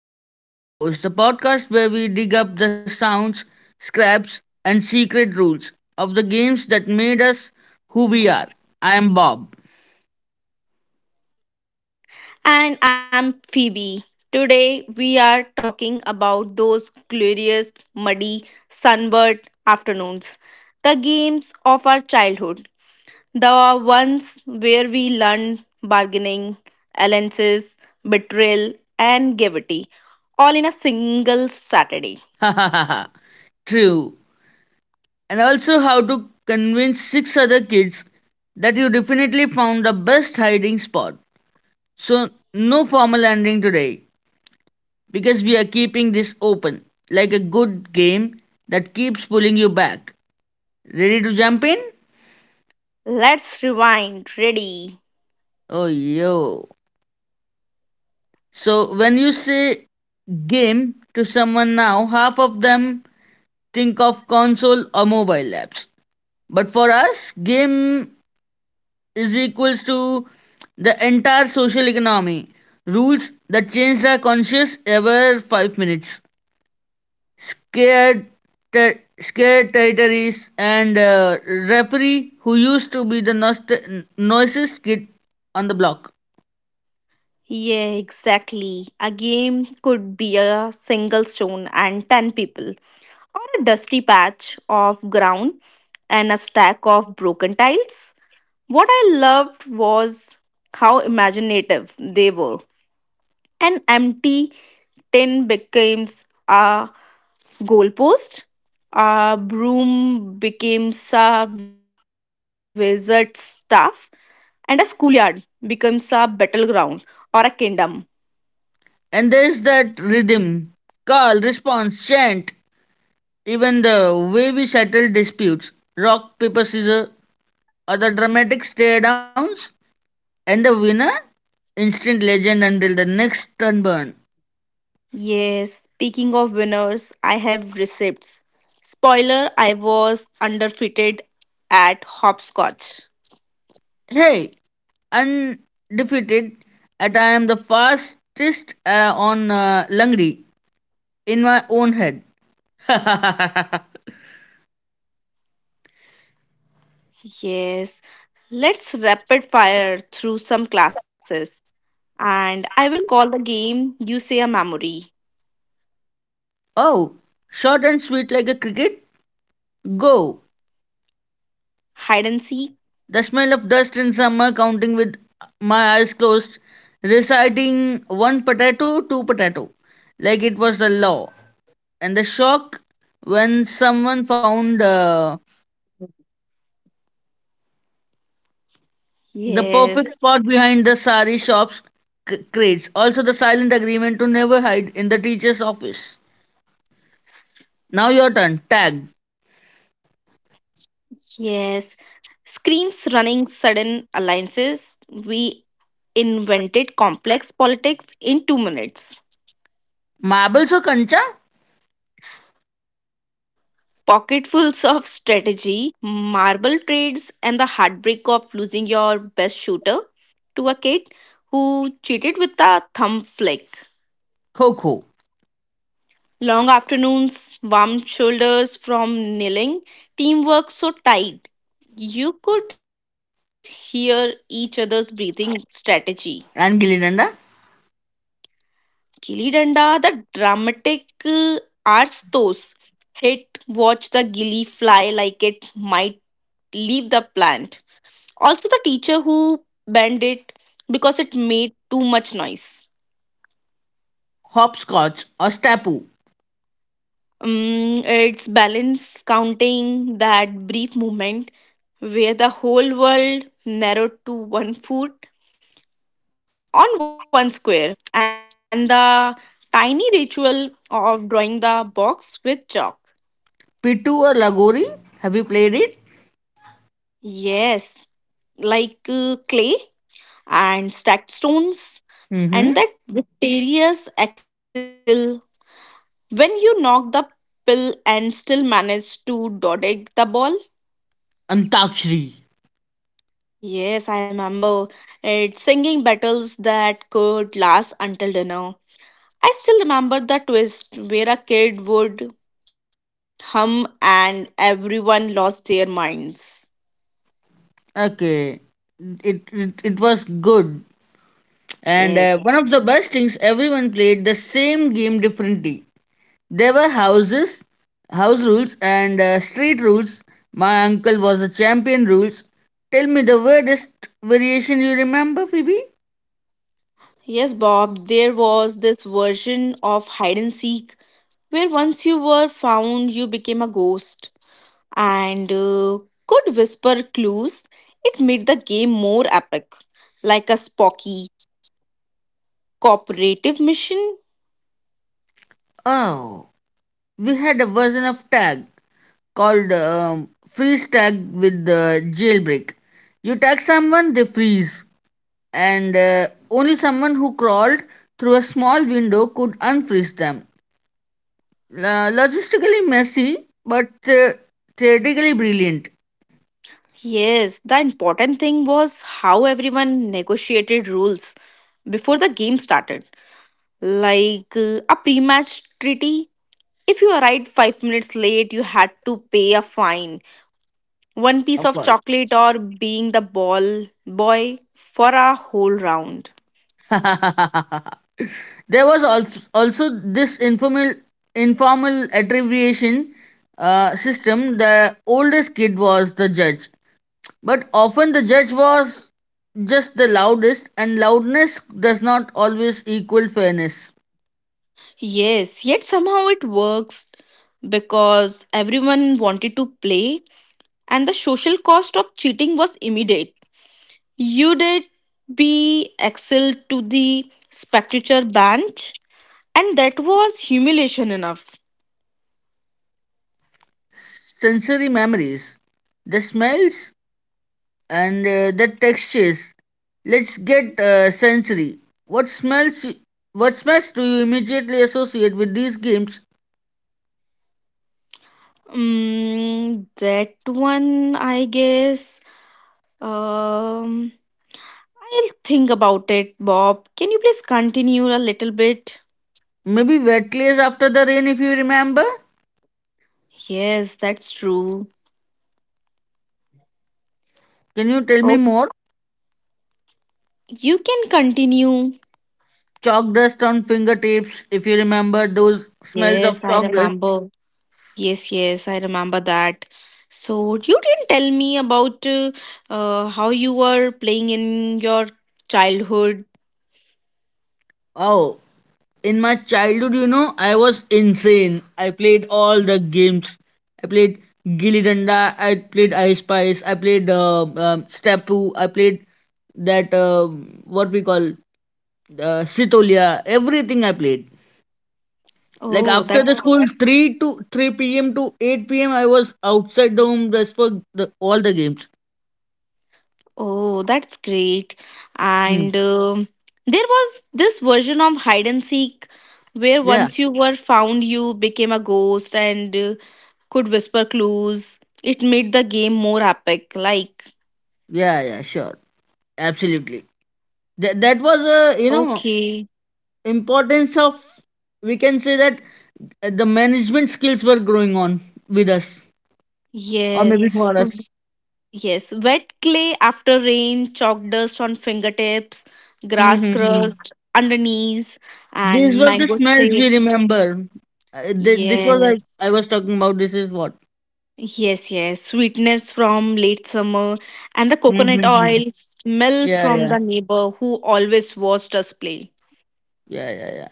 Playground Echoes, the podcast where we dig up the sounds, scraps, and secret rules of the games that made us who we are. I am Bob. And I'm Phoebe. Today we are talking about those glorious, muddy, sunburned afternoons. The games of our childhood. The ones where we learned bargaining, alliances, betrayal, and gaiety, all in a single Saturday. Ha ha ha ha. True. And also how to convince six other kids that you definitely found the best hiding spot. So, no formal ending today because we are keeping this open like a good game that keeps pulling you back. Ready to jump in? Let's rewind. Ready? Oh, yo. So when you say game to someone now, half of them think of console or mobile apps. But for us, game is equals to the entire social economy. Rules that change our conscious every 5 minutes. Scared, scared territories and referee who used to be the noisiest kid on the block. Yeah, exactly. A game could be a single stone and 10 people, or a dusty patch of ground and a stack of broken tiles. What I loved was how imaginative they were. An empty tin becomes a goalpost, a broom becomes a wizard's staff, and a schoolyard becomes a battleground or a kingdom. And there's that rhythm, call, response, chant, even the way we settle disputes, rock, paper, scissors, or the dramatic stare downs, and the winner, instant legend until the next turn burn. Yes, speaking of winners, I have receipts. Spoiler, I was underfitted at hopscotch. Hey, undefeated, and I am the fastest on Langri in my own head. Yes, let's rapid fire through some classes. And I will call the game You Say a Memory. Oh, short and sweet like a cricket, go. Hide and seek. The smell of dust in summer, counting with my eyes closed, reciting one potato, two potato, like it was the law. And the shock when someone found the perfect Yes, spot behind the sari shops crates. Also, the silent agreement to never hide in the teacher's office. Now your turn. Tag. yes. Screams running sudden alliances. We invented complex politics in 2 minutes. Marbles or kancha? Pocketfuls of strategy, marble trades, and the heartbreak of losing your best shooter to a kid who cheated with a thumb flick. Kho-kho. Long afternoons, warm shoulders from kneeling, teamwork so tight. You could hear each other's breathing strategy. And gilli danda? Gilly Danda, the dramatic arstos. Hit, watch the gilly fly like it might leave the plant. Also, the teacher who banned it because it made too much noise. Hopscotch or stapu? It's balance counting that brief moment where the whole world narrowed to 1 foot on one square and the tiny ritual of drawing the box with chalk. Pitu or lagori? Have you played it? Yes, like clay and stacked stones and Mm-hmm. that mysterious axle. When you knock the pill and still manage to dodge the ball? Antakshri. Yes, I remember it. Singing battles that could last until dinner. I still remember the twist where a kid would hum and everyone lost their minds. Okay, it was good, and Yes. One of the best things everyone played the same game differently. There were houses, house rules, and street rules. My uncle was a champion rules. Tell me the weirdest variation you remember, Phoebe? Yes, Bob, there was this version of hide and seek where once you were found, you became a ghost. And could whisper clues, it made the game more epic, like a Spocky cooperative mission. Oh, we had a version of tag called freeze tag with the jailbreak. You tag someone, they freeze. And only someone who crawled through a small window could unfreeze them. Logistically messy, but theoretically brilliant, Yes, the important thing was how everyone negotiated rules before the game started, like a pre match treaty. If you arrived 5 minutes late, you had to pay a fine, one piece of of course. chocolate, or being the ball boy for a whole round. There was also this informal attribution system. The oldest kid was the judge, but often the judge was just the loudest, and loudness does not always equal fairness. Yes, yet somehow it works because everyone wanted to play and the social cost of cheating was immediate. You did be excelled to the spectator bench and that was humiliation enough. Sensory memories. The smells and the textures. Let's get sensory. What smells what smells do you immediately associate with these games? Mm, that one, I guess. Um, I'll think about it, Bob. Can you please continue a little bit? Maybe wet clays after the rain, if you remember. Yes, that's true. Can you tell me Oh, more? you can continue. Chalk dust on fingertips, if you remember those smells of Yes, I chalk dust. remember. Yes, yes, I remember that. So you didn't tell me about how you were playing in your childhood. Oh, in my childhood, you know, I was insane. I played all the games. I played Gilli Danda. I played Ice Spice. I played Stapu. I played that what we call Sitolia. Everything I played. Like Oh, after the that's school, three p.m. to eight p.m. I was outside the home just for all the games. oh, that's great. Hmm. And There was this version of hide and seek where Yeah, once you were found, you became a ghost and could whisper clues. It made the game more epic. Like, yeah, yeah, sure. Absolutely. That was okay, a, you know, importance of, we can say that the management skills were growing on with us, or yes. maybe for us. Yes, wet clay after rain, chalk dust on fingertips, grass Mm-hmm. crust underneath, These and were the mango smells sap. we remember. This was like Yes, I was talking about. This is what. yes, yes. Sweetness from late summer and the coconut Mm-hmm. oil smell Yeah, from yeah, the neighbor who always watched us play. yeah, yeah.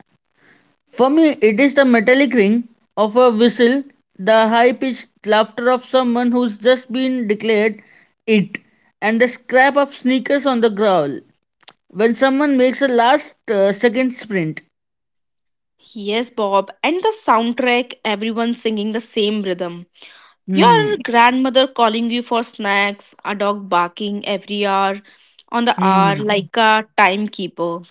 For me, it is the metallic ring of a whistle, the high pitched laughter of someone who's just been declared it, and the scrap of sneakers on the growl when someone makes a last second sprint. Yes, Bob. And the soundtrack, everyone singing the same rhythm. Hmm. Your grandmother calling you for snacks, a dog barking every hour on the hour Hmm. like a timekeeper.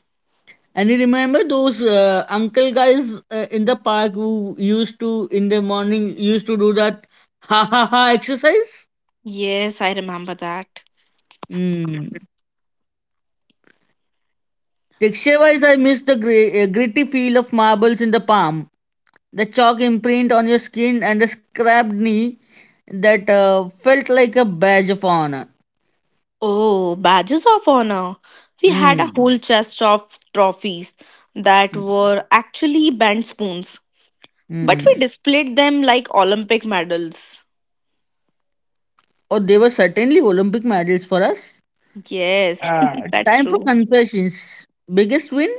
And you remember those uncle guys in the park who used to, in the morning, used to do that ha ha ha exercise? Yes, I remember that. Mm. Texture wise, I miss the gritty feel of marbles in the palm, the chalk imprint on your skin, and the scrapped knee that felt like a badge of honor. Oh, badges of honor. We had a Mm. whole chest of trophies that were actually bent spoons, but we Mm. displayed them like Olympic medals. Oh, they were certainly Olympic medals for us. Yes, Uh, that's time for true. confessions. Biggest win?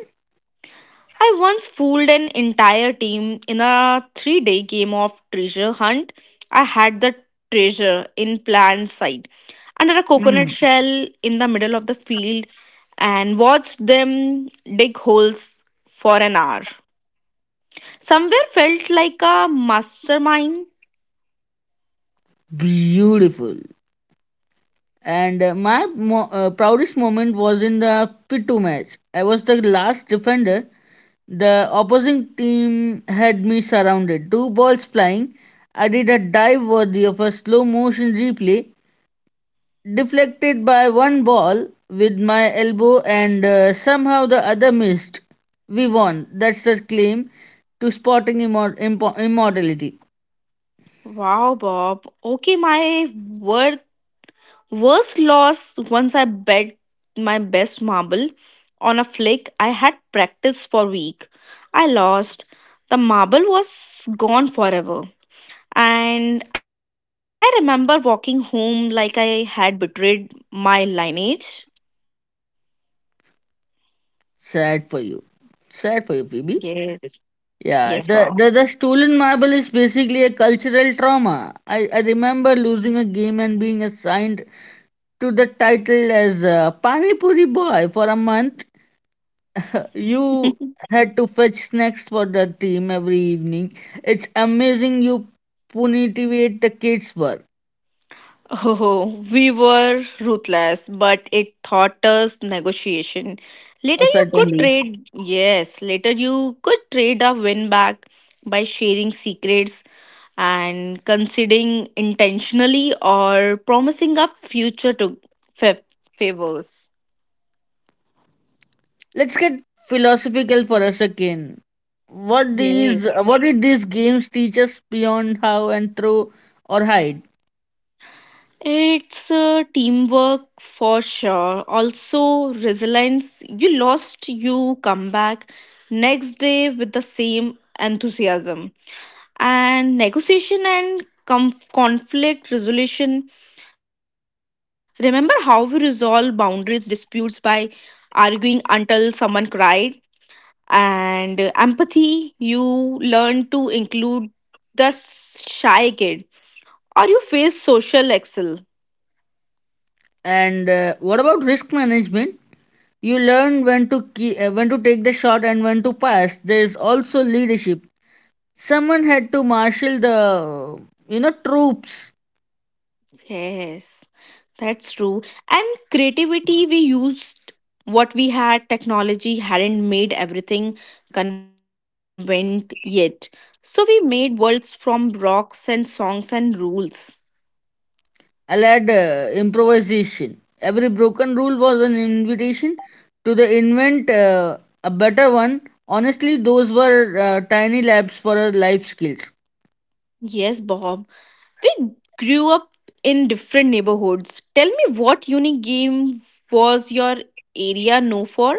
I once fooled an entire team in a 3 day game of treasure hunt. I had the treasure in plain sight under a coconut Mm. shell in the middle of the field and watched them dig holes for an hour. Somewhere felt like a mastermind. Beautiful. And my proudest moment was in the pit 2 match. I was the last defender. The opposing team had me surrounded. Two balls flying. I did a dive worthy of a slow motion replay, deflected by one ball with my elbow, and somehow the other missed. We won. That's the claim to sporting immortality. Wow, Bob. Okay, my worth Worst loss once I bet my best marble on a flick I had practiced for week. I lost. The marble was gone forever. And I remember walking home like I had betrayed my lineage. Sad for you. Sad for you, Phoebe. Yes. Yes, Bob. Yeah, the stolen marble is basically a cultural trauma. I remember losing a game and being assigned to the title as Pani Puri Boy for a month. You had to fetch snacks for the team every evening. It's amazing you punitivate the kids for Oh, we were ruthless, but it taught us negotiation. Later, you could certainly. trade, Yes, later you could trade a win back by sharing secrets and conceding intentionally or promising a future to fa- favors. Let's get philosophical for a second. What Yay. these what did these games teach us beyond how and throw or hide? It's teamwork for sure. Also, resilience. You lost, you come back next day with the same enthusiasm. And negotiation and conflict resolution, remember how we resolve boundaries disputes by arguing until someone cried, and empathy, you learn to include the shy kid or you face social excel. And what about risk management? You learn when to when to take the shot and when to pass. There is also leadership. Someone had to marshal the, you know, troops. Yes, that's true. And creativity, we used what we had, technology hadn't made everything convenient yet. So we made worlds from rocks and songs and rules. Allowed improvisation. Every broken rule was an invitation to the invent a better one. Honestly, those were tiny labs for our life skills. Yes, Bob. We grew up in different neighborhoods. Tell me what unique game was your area known for?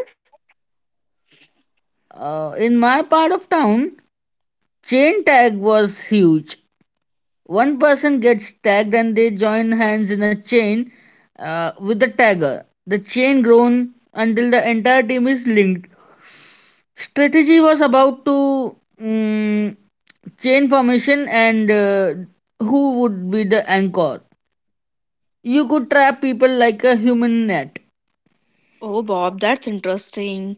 In my part of town, chain tag was huge. One person gets tagged and they join hands in a chain with the tagger. The chain grown until the entire team is linked. Strategy was about to chain formation and who would be the anchor. You could trap people like a human net. Oh, Bob, that's interesting.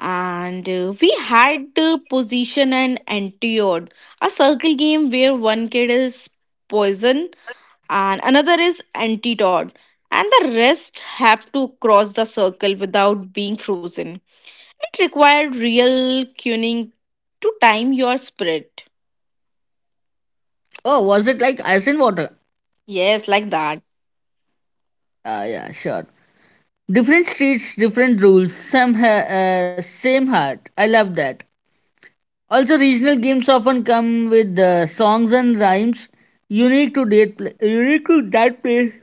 And we had position and entered a circle game where one kid is poison and another is antidote and the rest have to cross the circle without being frozen. It required real tuning to time your spirit. Oh, was it like ice and water? Yes, like that. Ah, yeah, sure. Different streets, different rules. Some same heart. I love that. Also, regional games often come with songs and rhymes unique to that pla unique to that place.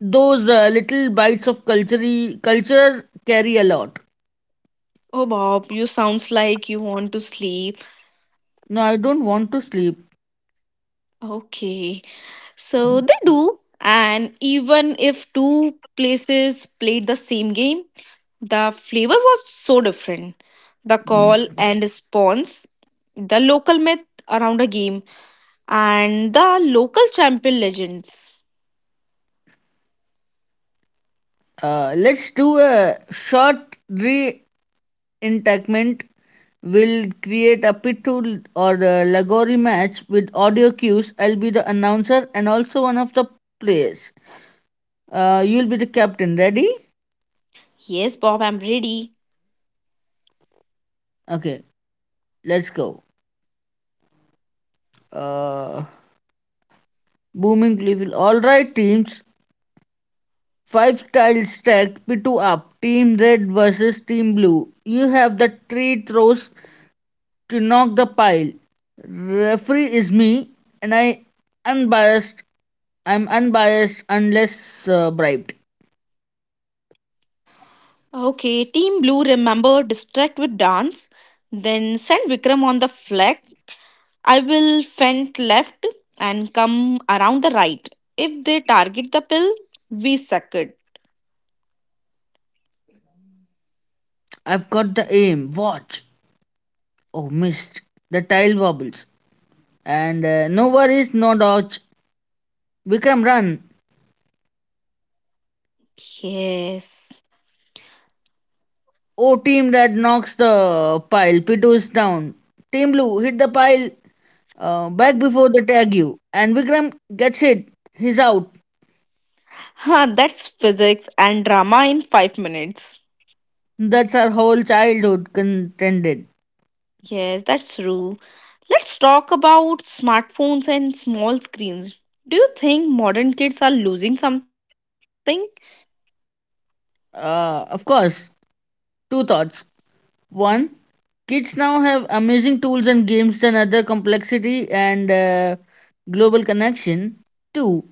Those little bites of culture carry a lot. Oh, Bob, you sounds like you want to sleep. No, I don't want to sleep. Okay. So they do, and even if two places played the same game, the flavor was so different. The call Mm. and response, the local myth around a game, and the local champion legends. Let's do a short re-enactment. We'll create a pitul or a lagori match with audio cues. I'll be the announcer and also one of the players. You'll be the captain. Ready? Yes, Bob, I'm ready. Okay, let's go. Uh, Booming level. All right, teams. Five style stacked P2 up. Team red versus team blue. You have the three throws to knock the pile. Referee is me, and I unbiased. I'm unbiased unless bribed. Okay, Team Blue, remember distract with dance, then send Vikram on the flag. I will fend left and come around the right. If they target the pill, we suck it. I've got the aim. Watch. Oh, missed. The tile wobbles. And no worries, no dodge. Vikram, run. Yes. Oh, team red knocks the pile. P2 is down. Team blue, hit the pile back before the tag you. And Vikram gets it. He's out. Huh, that's physics and drama in 5 minutes. That's our whole childhood contended. Yes, that's true. Let's talk about smartphones and small screens. Do you think modern kids are losing something? Of course, two thoughts. One, kids now have amazing tools and games and other complexity and global connection. Two,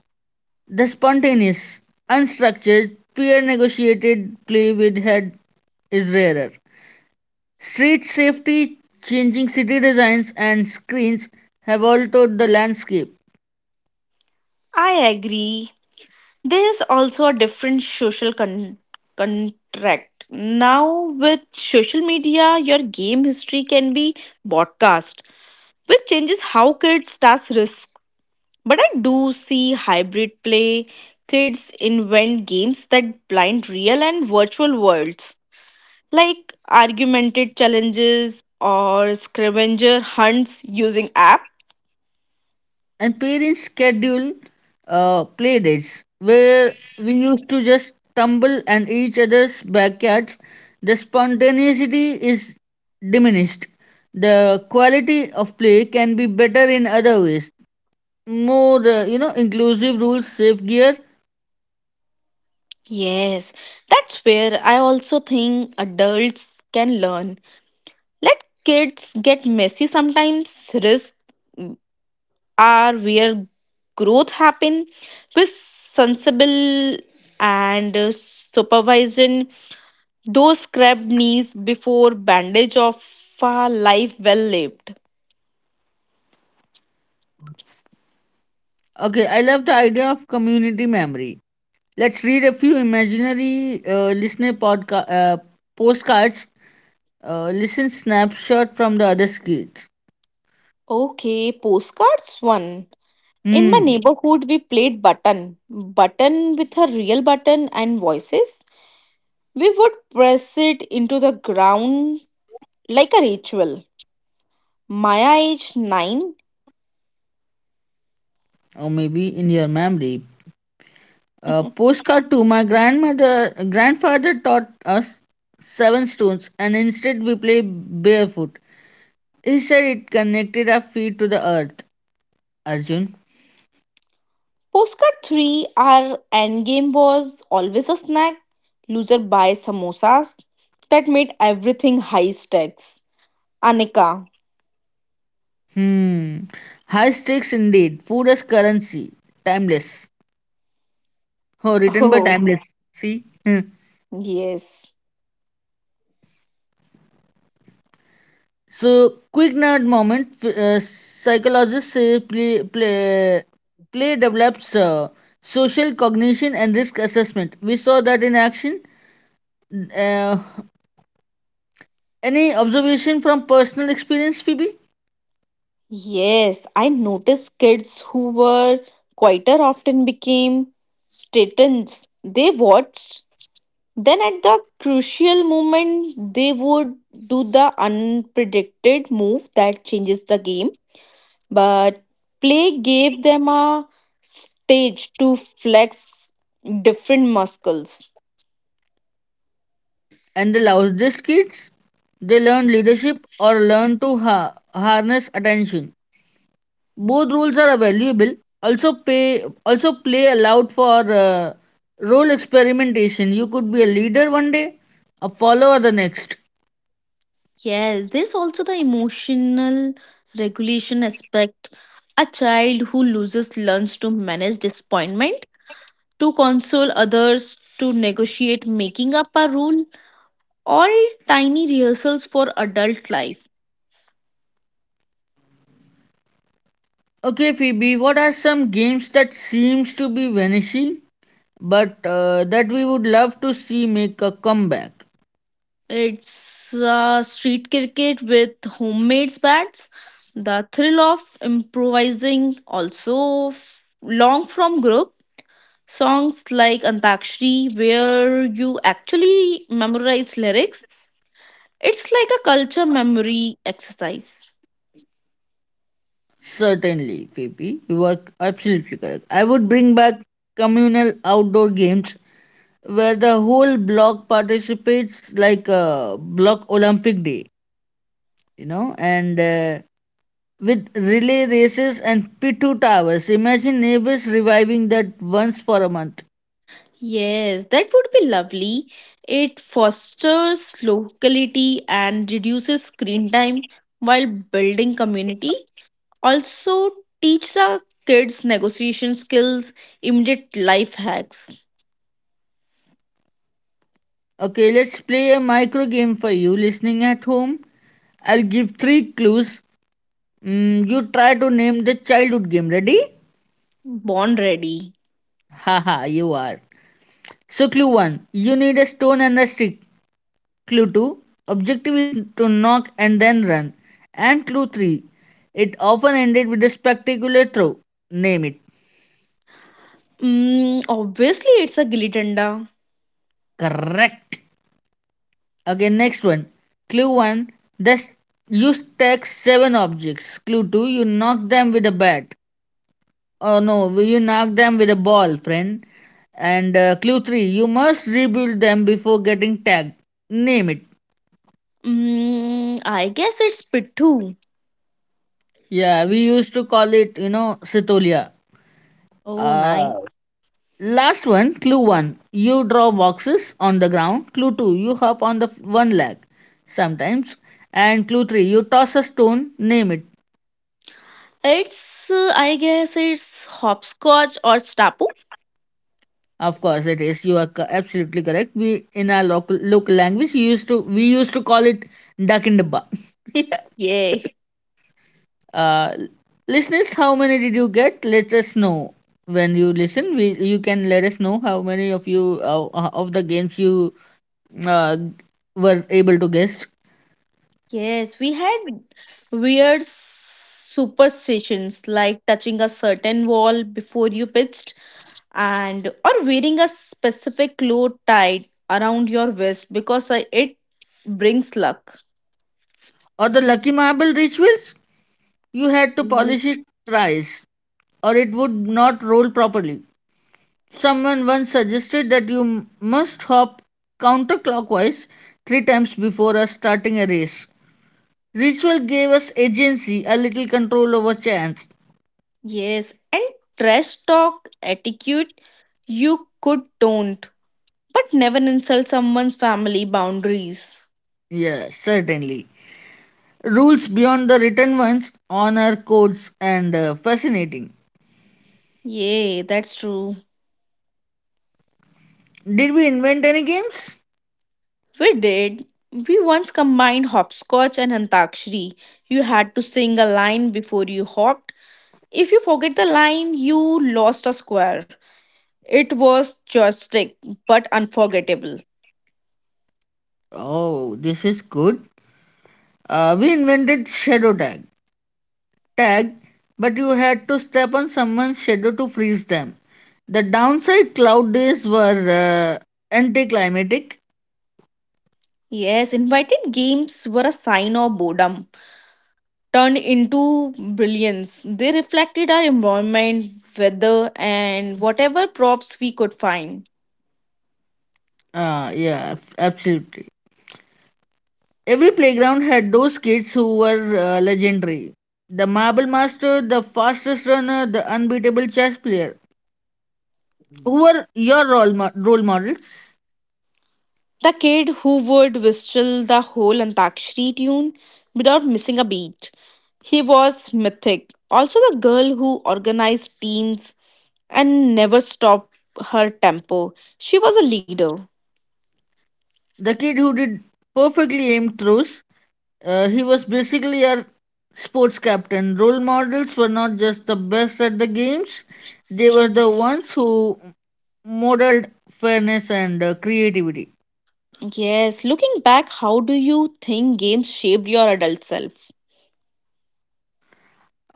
the spontaneous, unstructured, peer negotiated play with head is rarer. Street safety, changing city designs, and screens have altered the landscape. I agree. There is also a different social contract. Now, with social media, your game history can be broadcast, which changes how kids task risk. But I do see hybrid play. Kids invent games that blind real and virtual worlds, like argumented challenges or scavenger hunts using app. And parents schedule play dates where we used to just tumble and each other's backyards. The spontaneity is diminished. The quality of play can be better in other ways, more you know, inclusive rules, safe gear. Yes, that's where I also think adults can learn. Let kids get messy sometimes. Risks are where growth happen. With sensible and supervision, those scrapped knees before bandage of a life well lived. Okay, I love the idea of community memory. Let's read a few imaginary postcards, listen snapshot from the other kids. Okay, postcards one. In my Hmm. neighborhood, we played button. Button with a real button and voices. We would press it into the ground like a ritual. Maya, age 9, Or maybe in your memory. A postcard to my grandmother, grandfather taught us seven stones, and instead we play barefoot. He said it connected our feet to the earth. Arjun, Postcard 3, our end game was always a snack. Loser buys samosas. That made everything high stakes. Anika. hmm, high stakes indeed. Food as currency, timeless. Oh, written by Oh, timeless. See. Hmm. yes. So, quick nerd moment. Psychologists say play develops social cognition and risk assessment. We saw that in action. N- Uh, any observation from personal experience, Phoebe? Yes, I noticed kids who were quieter often became statins. They watched. Then at the crucial moment, they would do the unpredicted move that changes the game. But play gave them a stage to flex different muscles. And the loudest kids, they learn leadership or learn to harness attention. Both roles are valuable. Also, pay also play allowed for role experimentation. You could be a leader one day, a follower the next. Yes, there's also the emotional regulation aspect. A child who loses lunch to manage disappointment, to console others, to negotiate making up a rule, all tiny rehearsals for adult life. Okay, Phoebe, what are some games that seems to be vanishing, but that we would love to see make a comeback? It's street cricket with homemade bats. The thrill of improvising also long from group songs like Antakshri where you actually memorize lyrics. It's like a culture memory exercise. Certainly, Phoebe, you are absolutely correct. I would bring back communal outdoor games where the whole block participates, like block Olympic Day, you know, and with relay races and pitu towers. Imagine neighbors reviving that once for a month. Yes, that would be lovely. It fosters locality and reduces screen time while building community. Also, teach the kids negotiation skills, immediate life hacks, Okay, let's play a micro game for you listening at home. I'll give three clues. Mm, you try to name the childhood game. Ready? born ready. Haha, you are. So clue 1, you need a stone and a stick. Clue 2, objective is to knock and then run. And clue 3, it often ended with a spectacular throw. Name it. Mm, obviously, it's a gilly danda. Correct. Okay, next one. Clue 1, this you stack 7 objects. Clue 2, you knock them with a bat. Oh no, you knock them with a ball, friend. And clue 3, you must rebuild them before getting tagged. Name it. Mm, I guess it's pittu. Yeah, we used to call it, you know, Sitolia. Oh, Uh, nice. last one, clue one. You draw boxes on the ground. Clue two, you hop on the one leg sometimes. And clue three, you toss a stone, name it. It's, I guess it's hopscotch or stapu. Of course, it is. You are absolutely correct. We in our local language, we used to call it duck in the bar. Yay. uh, listeners, how many did you get? Let us know when you listen. We you can let us know how many of you of the games you uh, were able to guess. Yes, we had weird superstitions like touching a certain wall before you pitched and or wearing a specific cloth tied around your waist because it brings luck. Or the lucky marble rituals, you had to polish it Yes. thrice or it would not roll properly. Someone once suggested that you must hop counterclockwise three times before starting a race. Ritual gave us agency, a little control over chance. Yes, and trash talk etiquette you could don't, but never insult someone's family boundaries. Yes, certainly. Rules beyond the written ones, honor codes, and fascinating. Yay, that's true. Did we invent any games? We did. We once combined hopscotch and antakshari. You had to sing a line before you hopped. If you forget the line, you lost a square. It was joystick, but unforgettable. Oh, this is good. We invented shadow tag. Tag, but you had to step on someone's shadow to freeze them. The downside cloud days were anticlimactic. Yes, invited games were a sign of boredom turned into brilliance. They reflected our environment, weather, and whatever props we could find. Absolutely. Every playground had those kids who were legendary. The marble master, the fastest runner, the unbeatable chess player. Who were your role models? The kid who would whistle the whole Antakshri tune without missing a beat. He was mythic. Also, the girl who organized teams and never stopped her tempo. She was a leader. The kid who did perfectly aimed throws. He was basically a sports captain. Role models were not just the best at the games, they were the ones who modeled fairness and creativity. Yes, looking back, how do you think games shaped your adult self?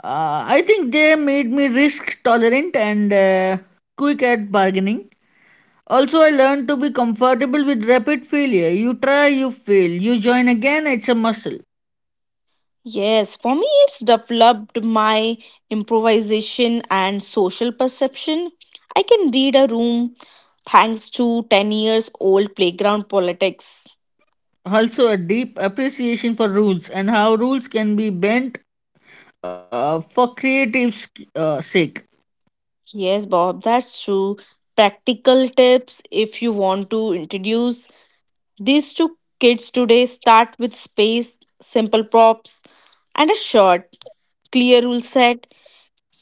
I think they made me risk tolerant and quick at bargaining. Also, I learned to be comfortable with rapid failure. You try, you fail, you join again, it's a muscle. Yes, for me, it's developed my improvisation and social perception. I can read a room thanks to 10 years old playground politics. Also, a deep appreciation for rules and how rules can be bent for creative sake. Yes, Bob, that's true. Practical tips if you want to introduce these to kids today start with space, simple props, and a short, clear rule set.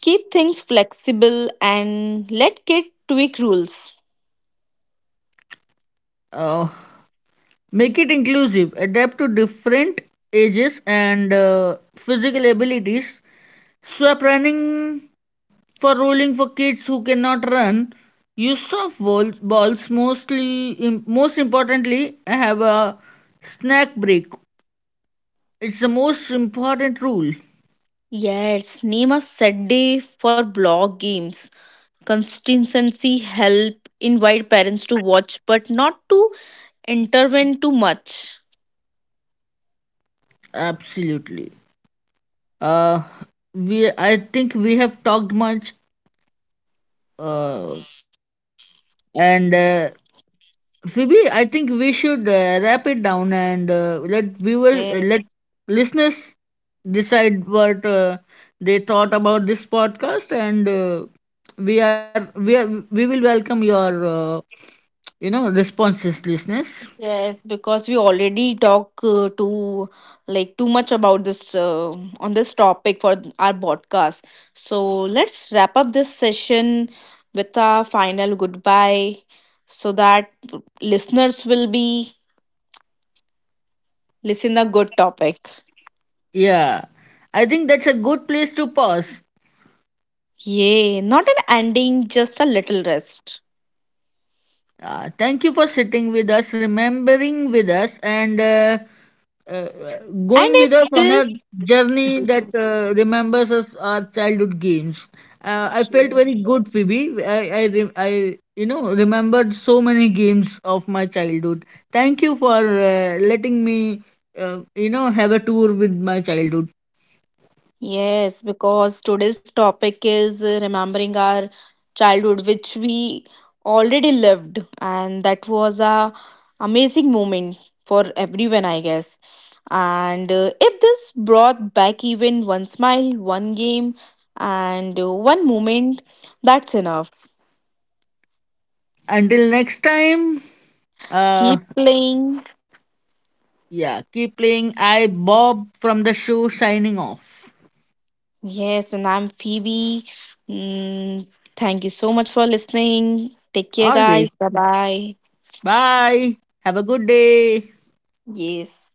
Keep things flexible and let kids tweak rules. Uh, Make it inclusive, adapt to different ages and physical abilities. Swap running for rolling for kids who cannot run. Use soft balls, balls mostly. Most importantly, have a snack break. It's the most important rule. Yes, name a set day for block games. Consistency help invite parents to watch but not to intervene too much. Absolutely. Uh, we I think we have talked much, uh, and Phoebe, I think we should wrap it down and let viewers, let Yes. listeners decide what they thought about this podcast. And we will welcome your, uh, you know, responses, listeners. Yes, because we already talk too too much about this on this topic for our podcast. So let's wrap up this session with a final goodbye so that listeners will be listen a good topic. Yeah, I think that's a good place to pause. Yay, not an ending, just a little rest. Thank you for sitting with us, remembering with us, and uh, And going with us if on a this journey that remembers us our childhood games. I felt yes. very good, Phoebe. I, you know, remembered so many games of my childhood. Thank you for letting me, you know, have a tour with my childhood. Yes, because today's topic is remembering our childhood, which we already lived, and that was a amazing moment for everyone, I guess. And if this brought back even one smile, one game, and one moment, that's enough. Until next time, uh, Keep playing. yeah, keep playing. I, Bob from the show, signing off. Yes, and I'm Phoebe. Mm, thank you so much for listening. Take care, Always. guys. Bye bye. Bye. Have a good day. Yes.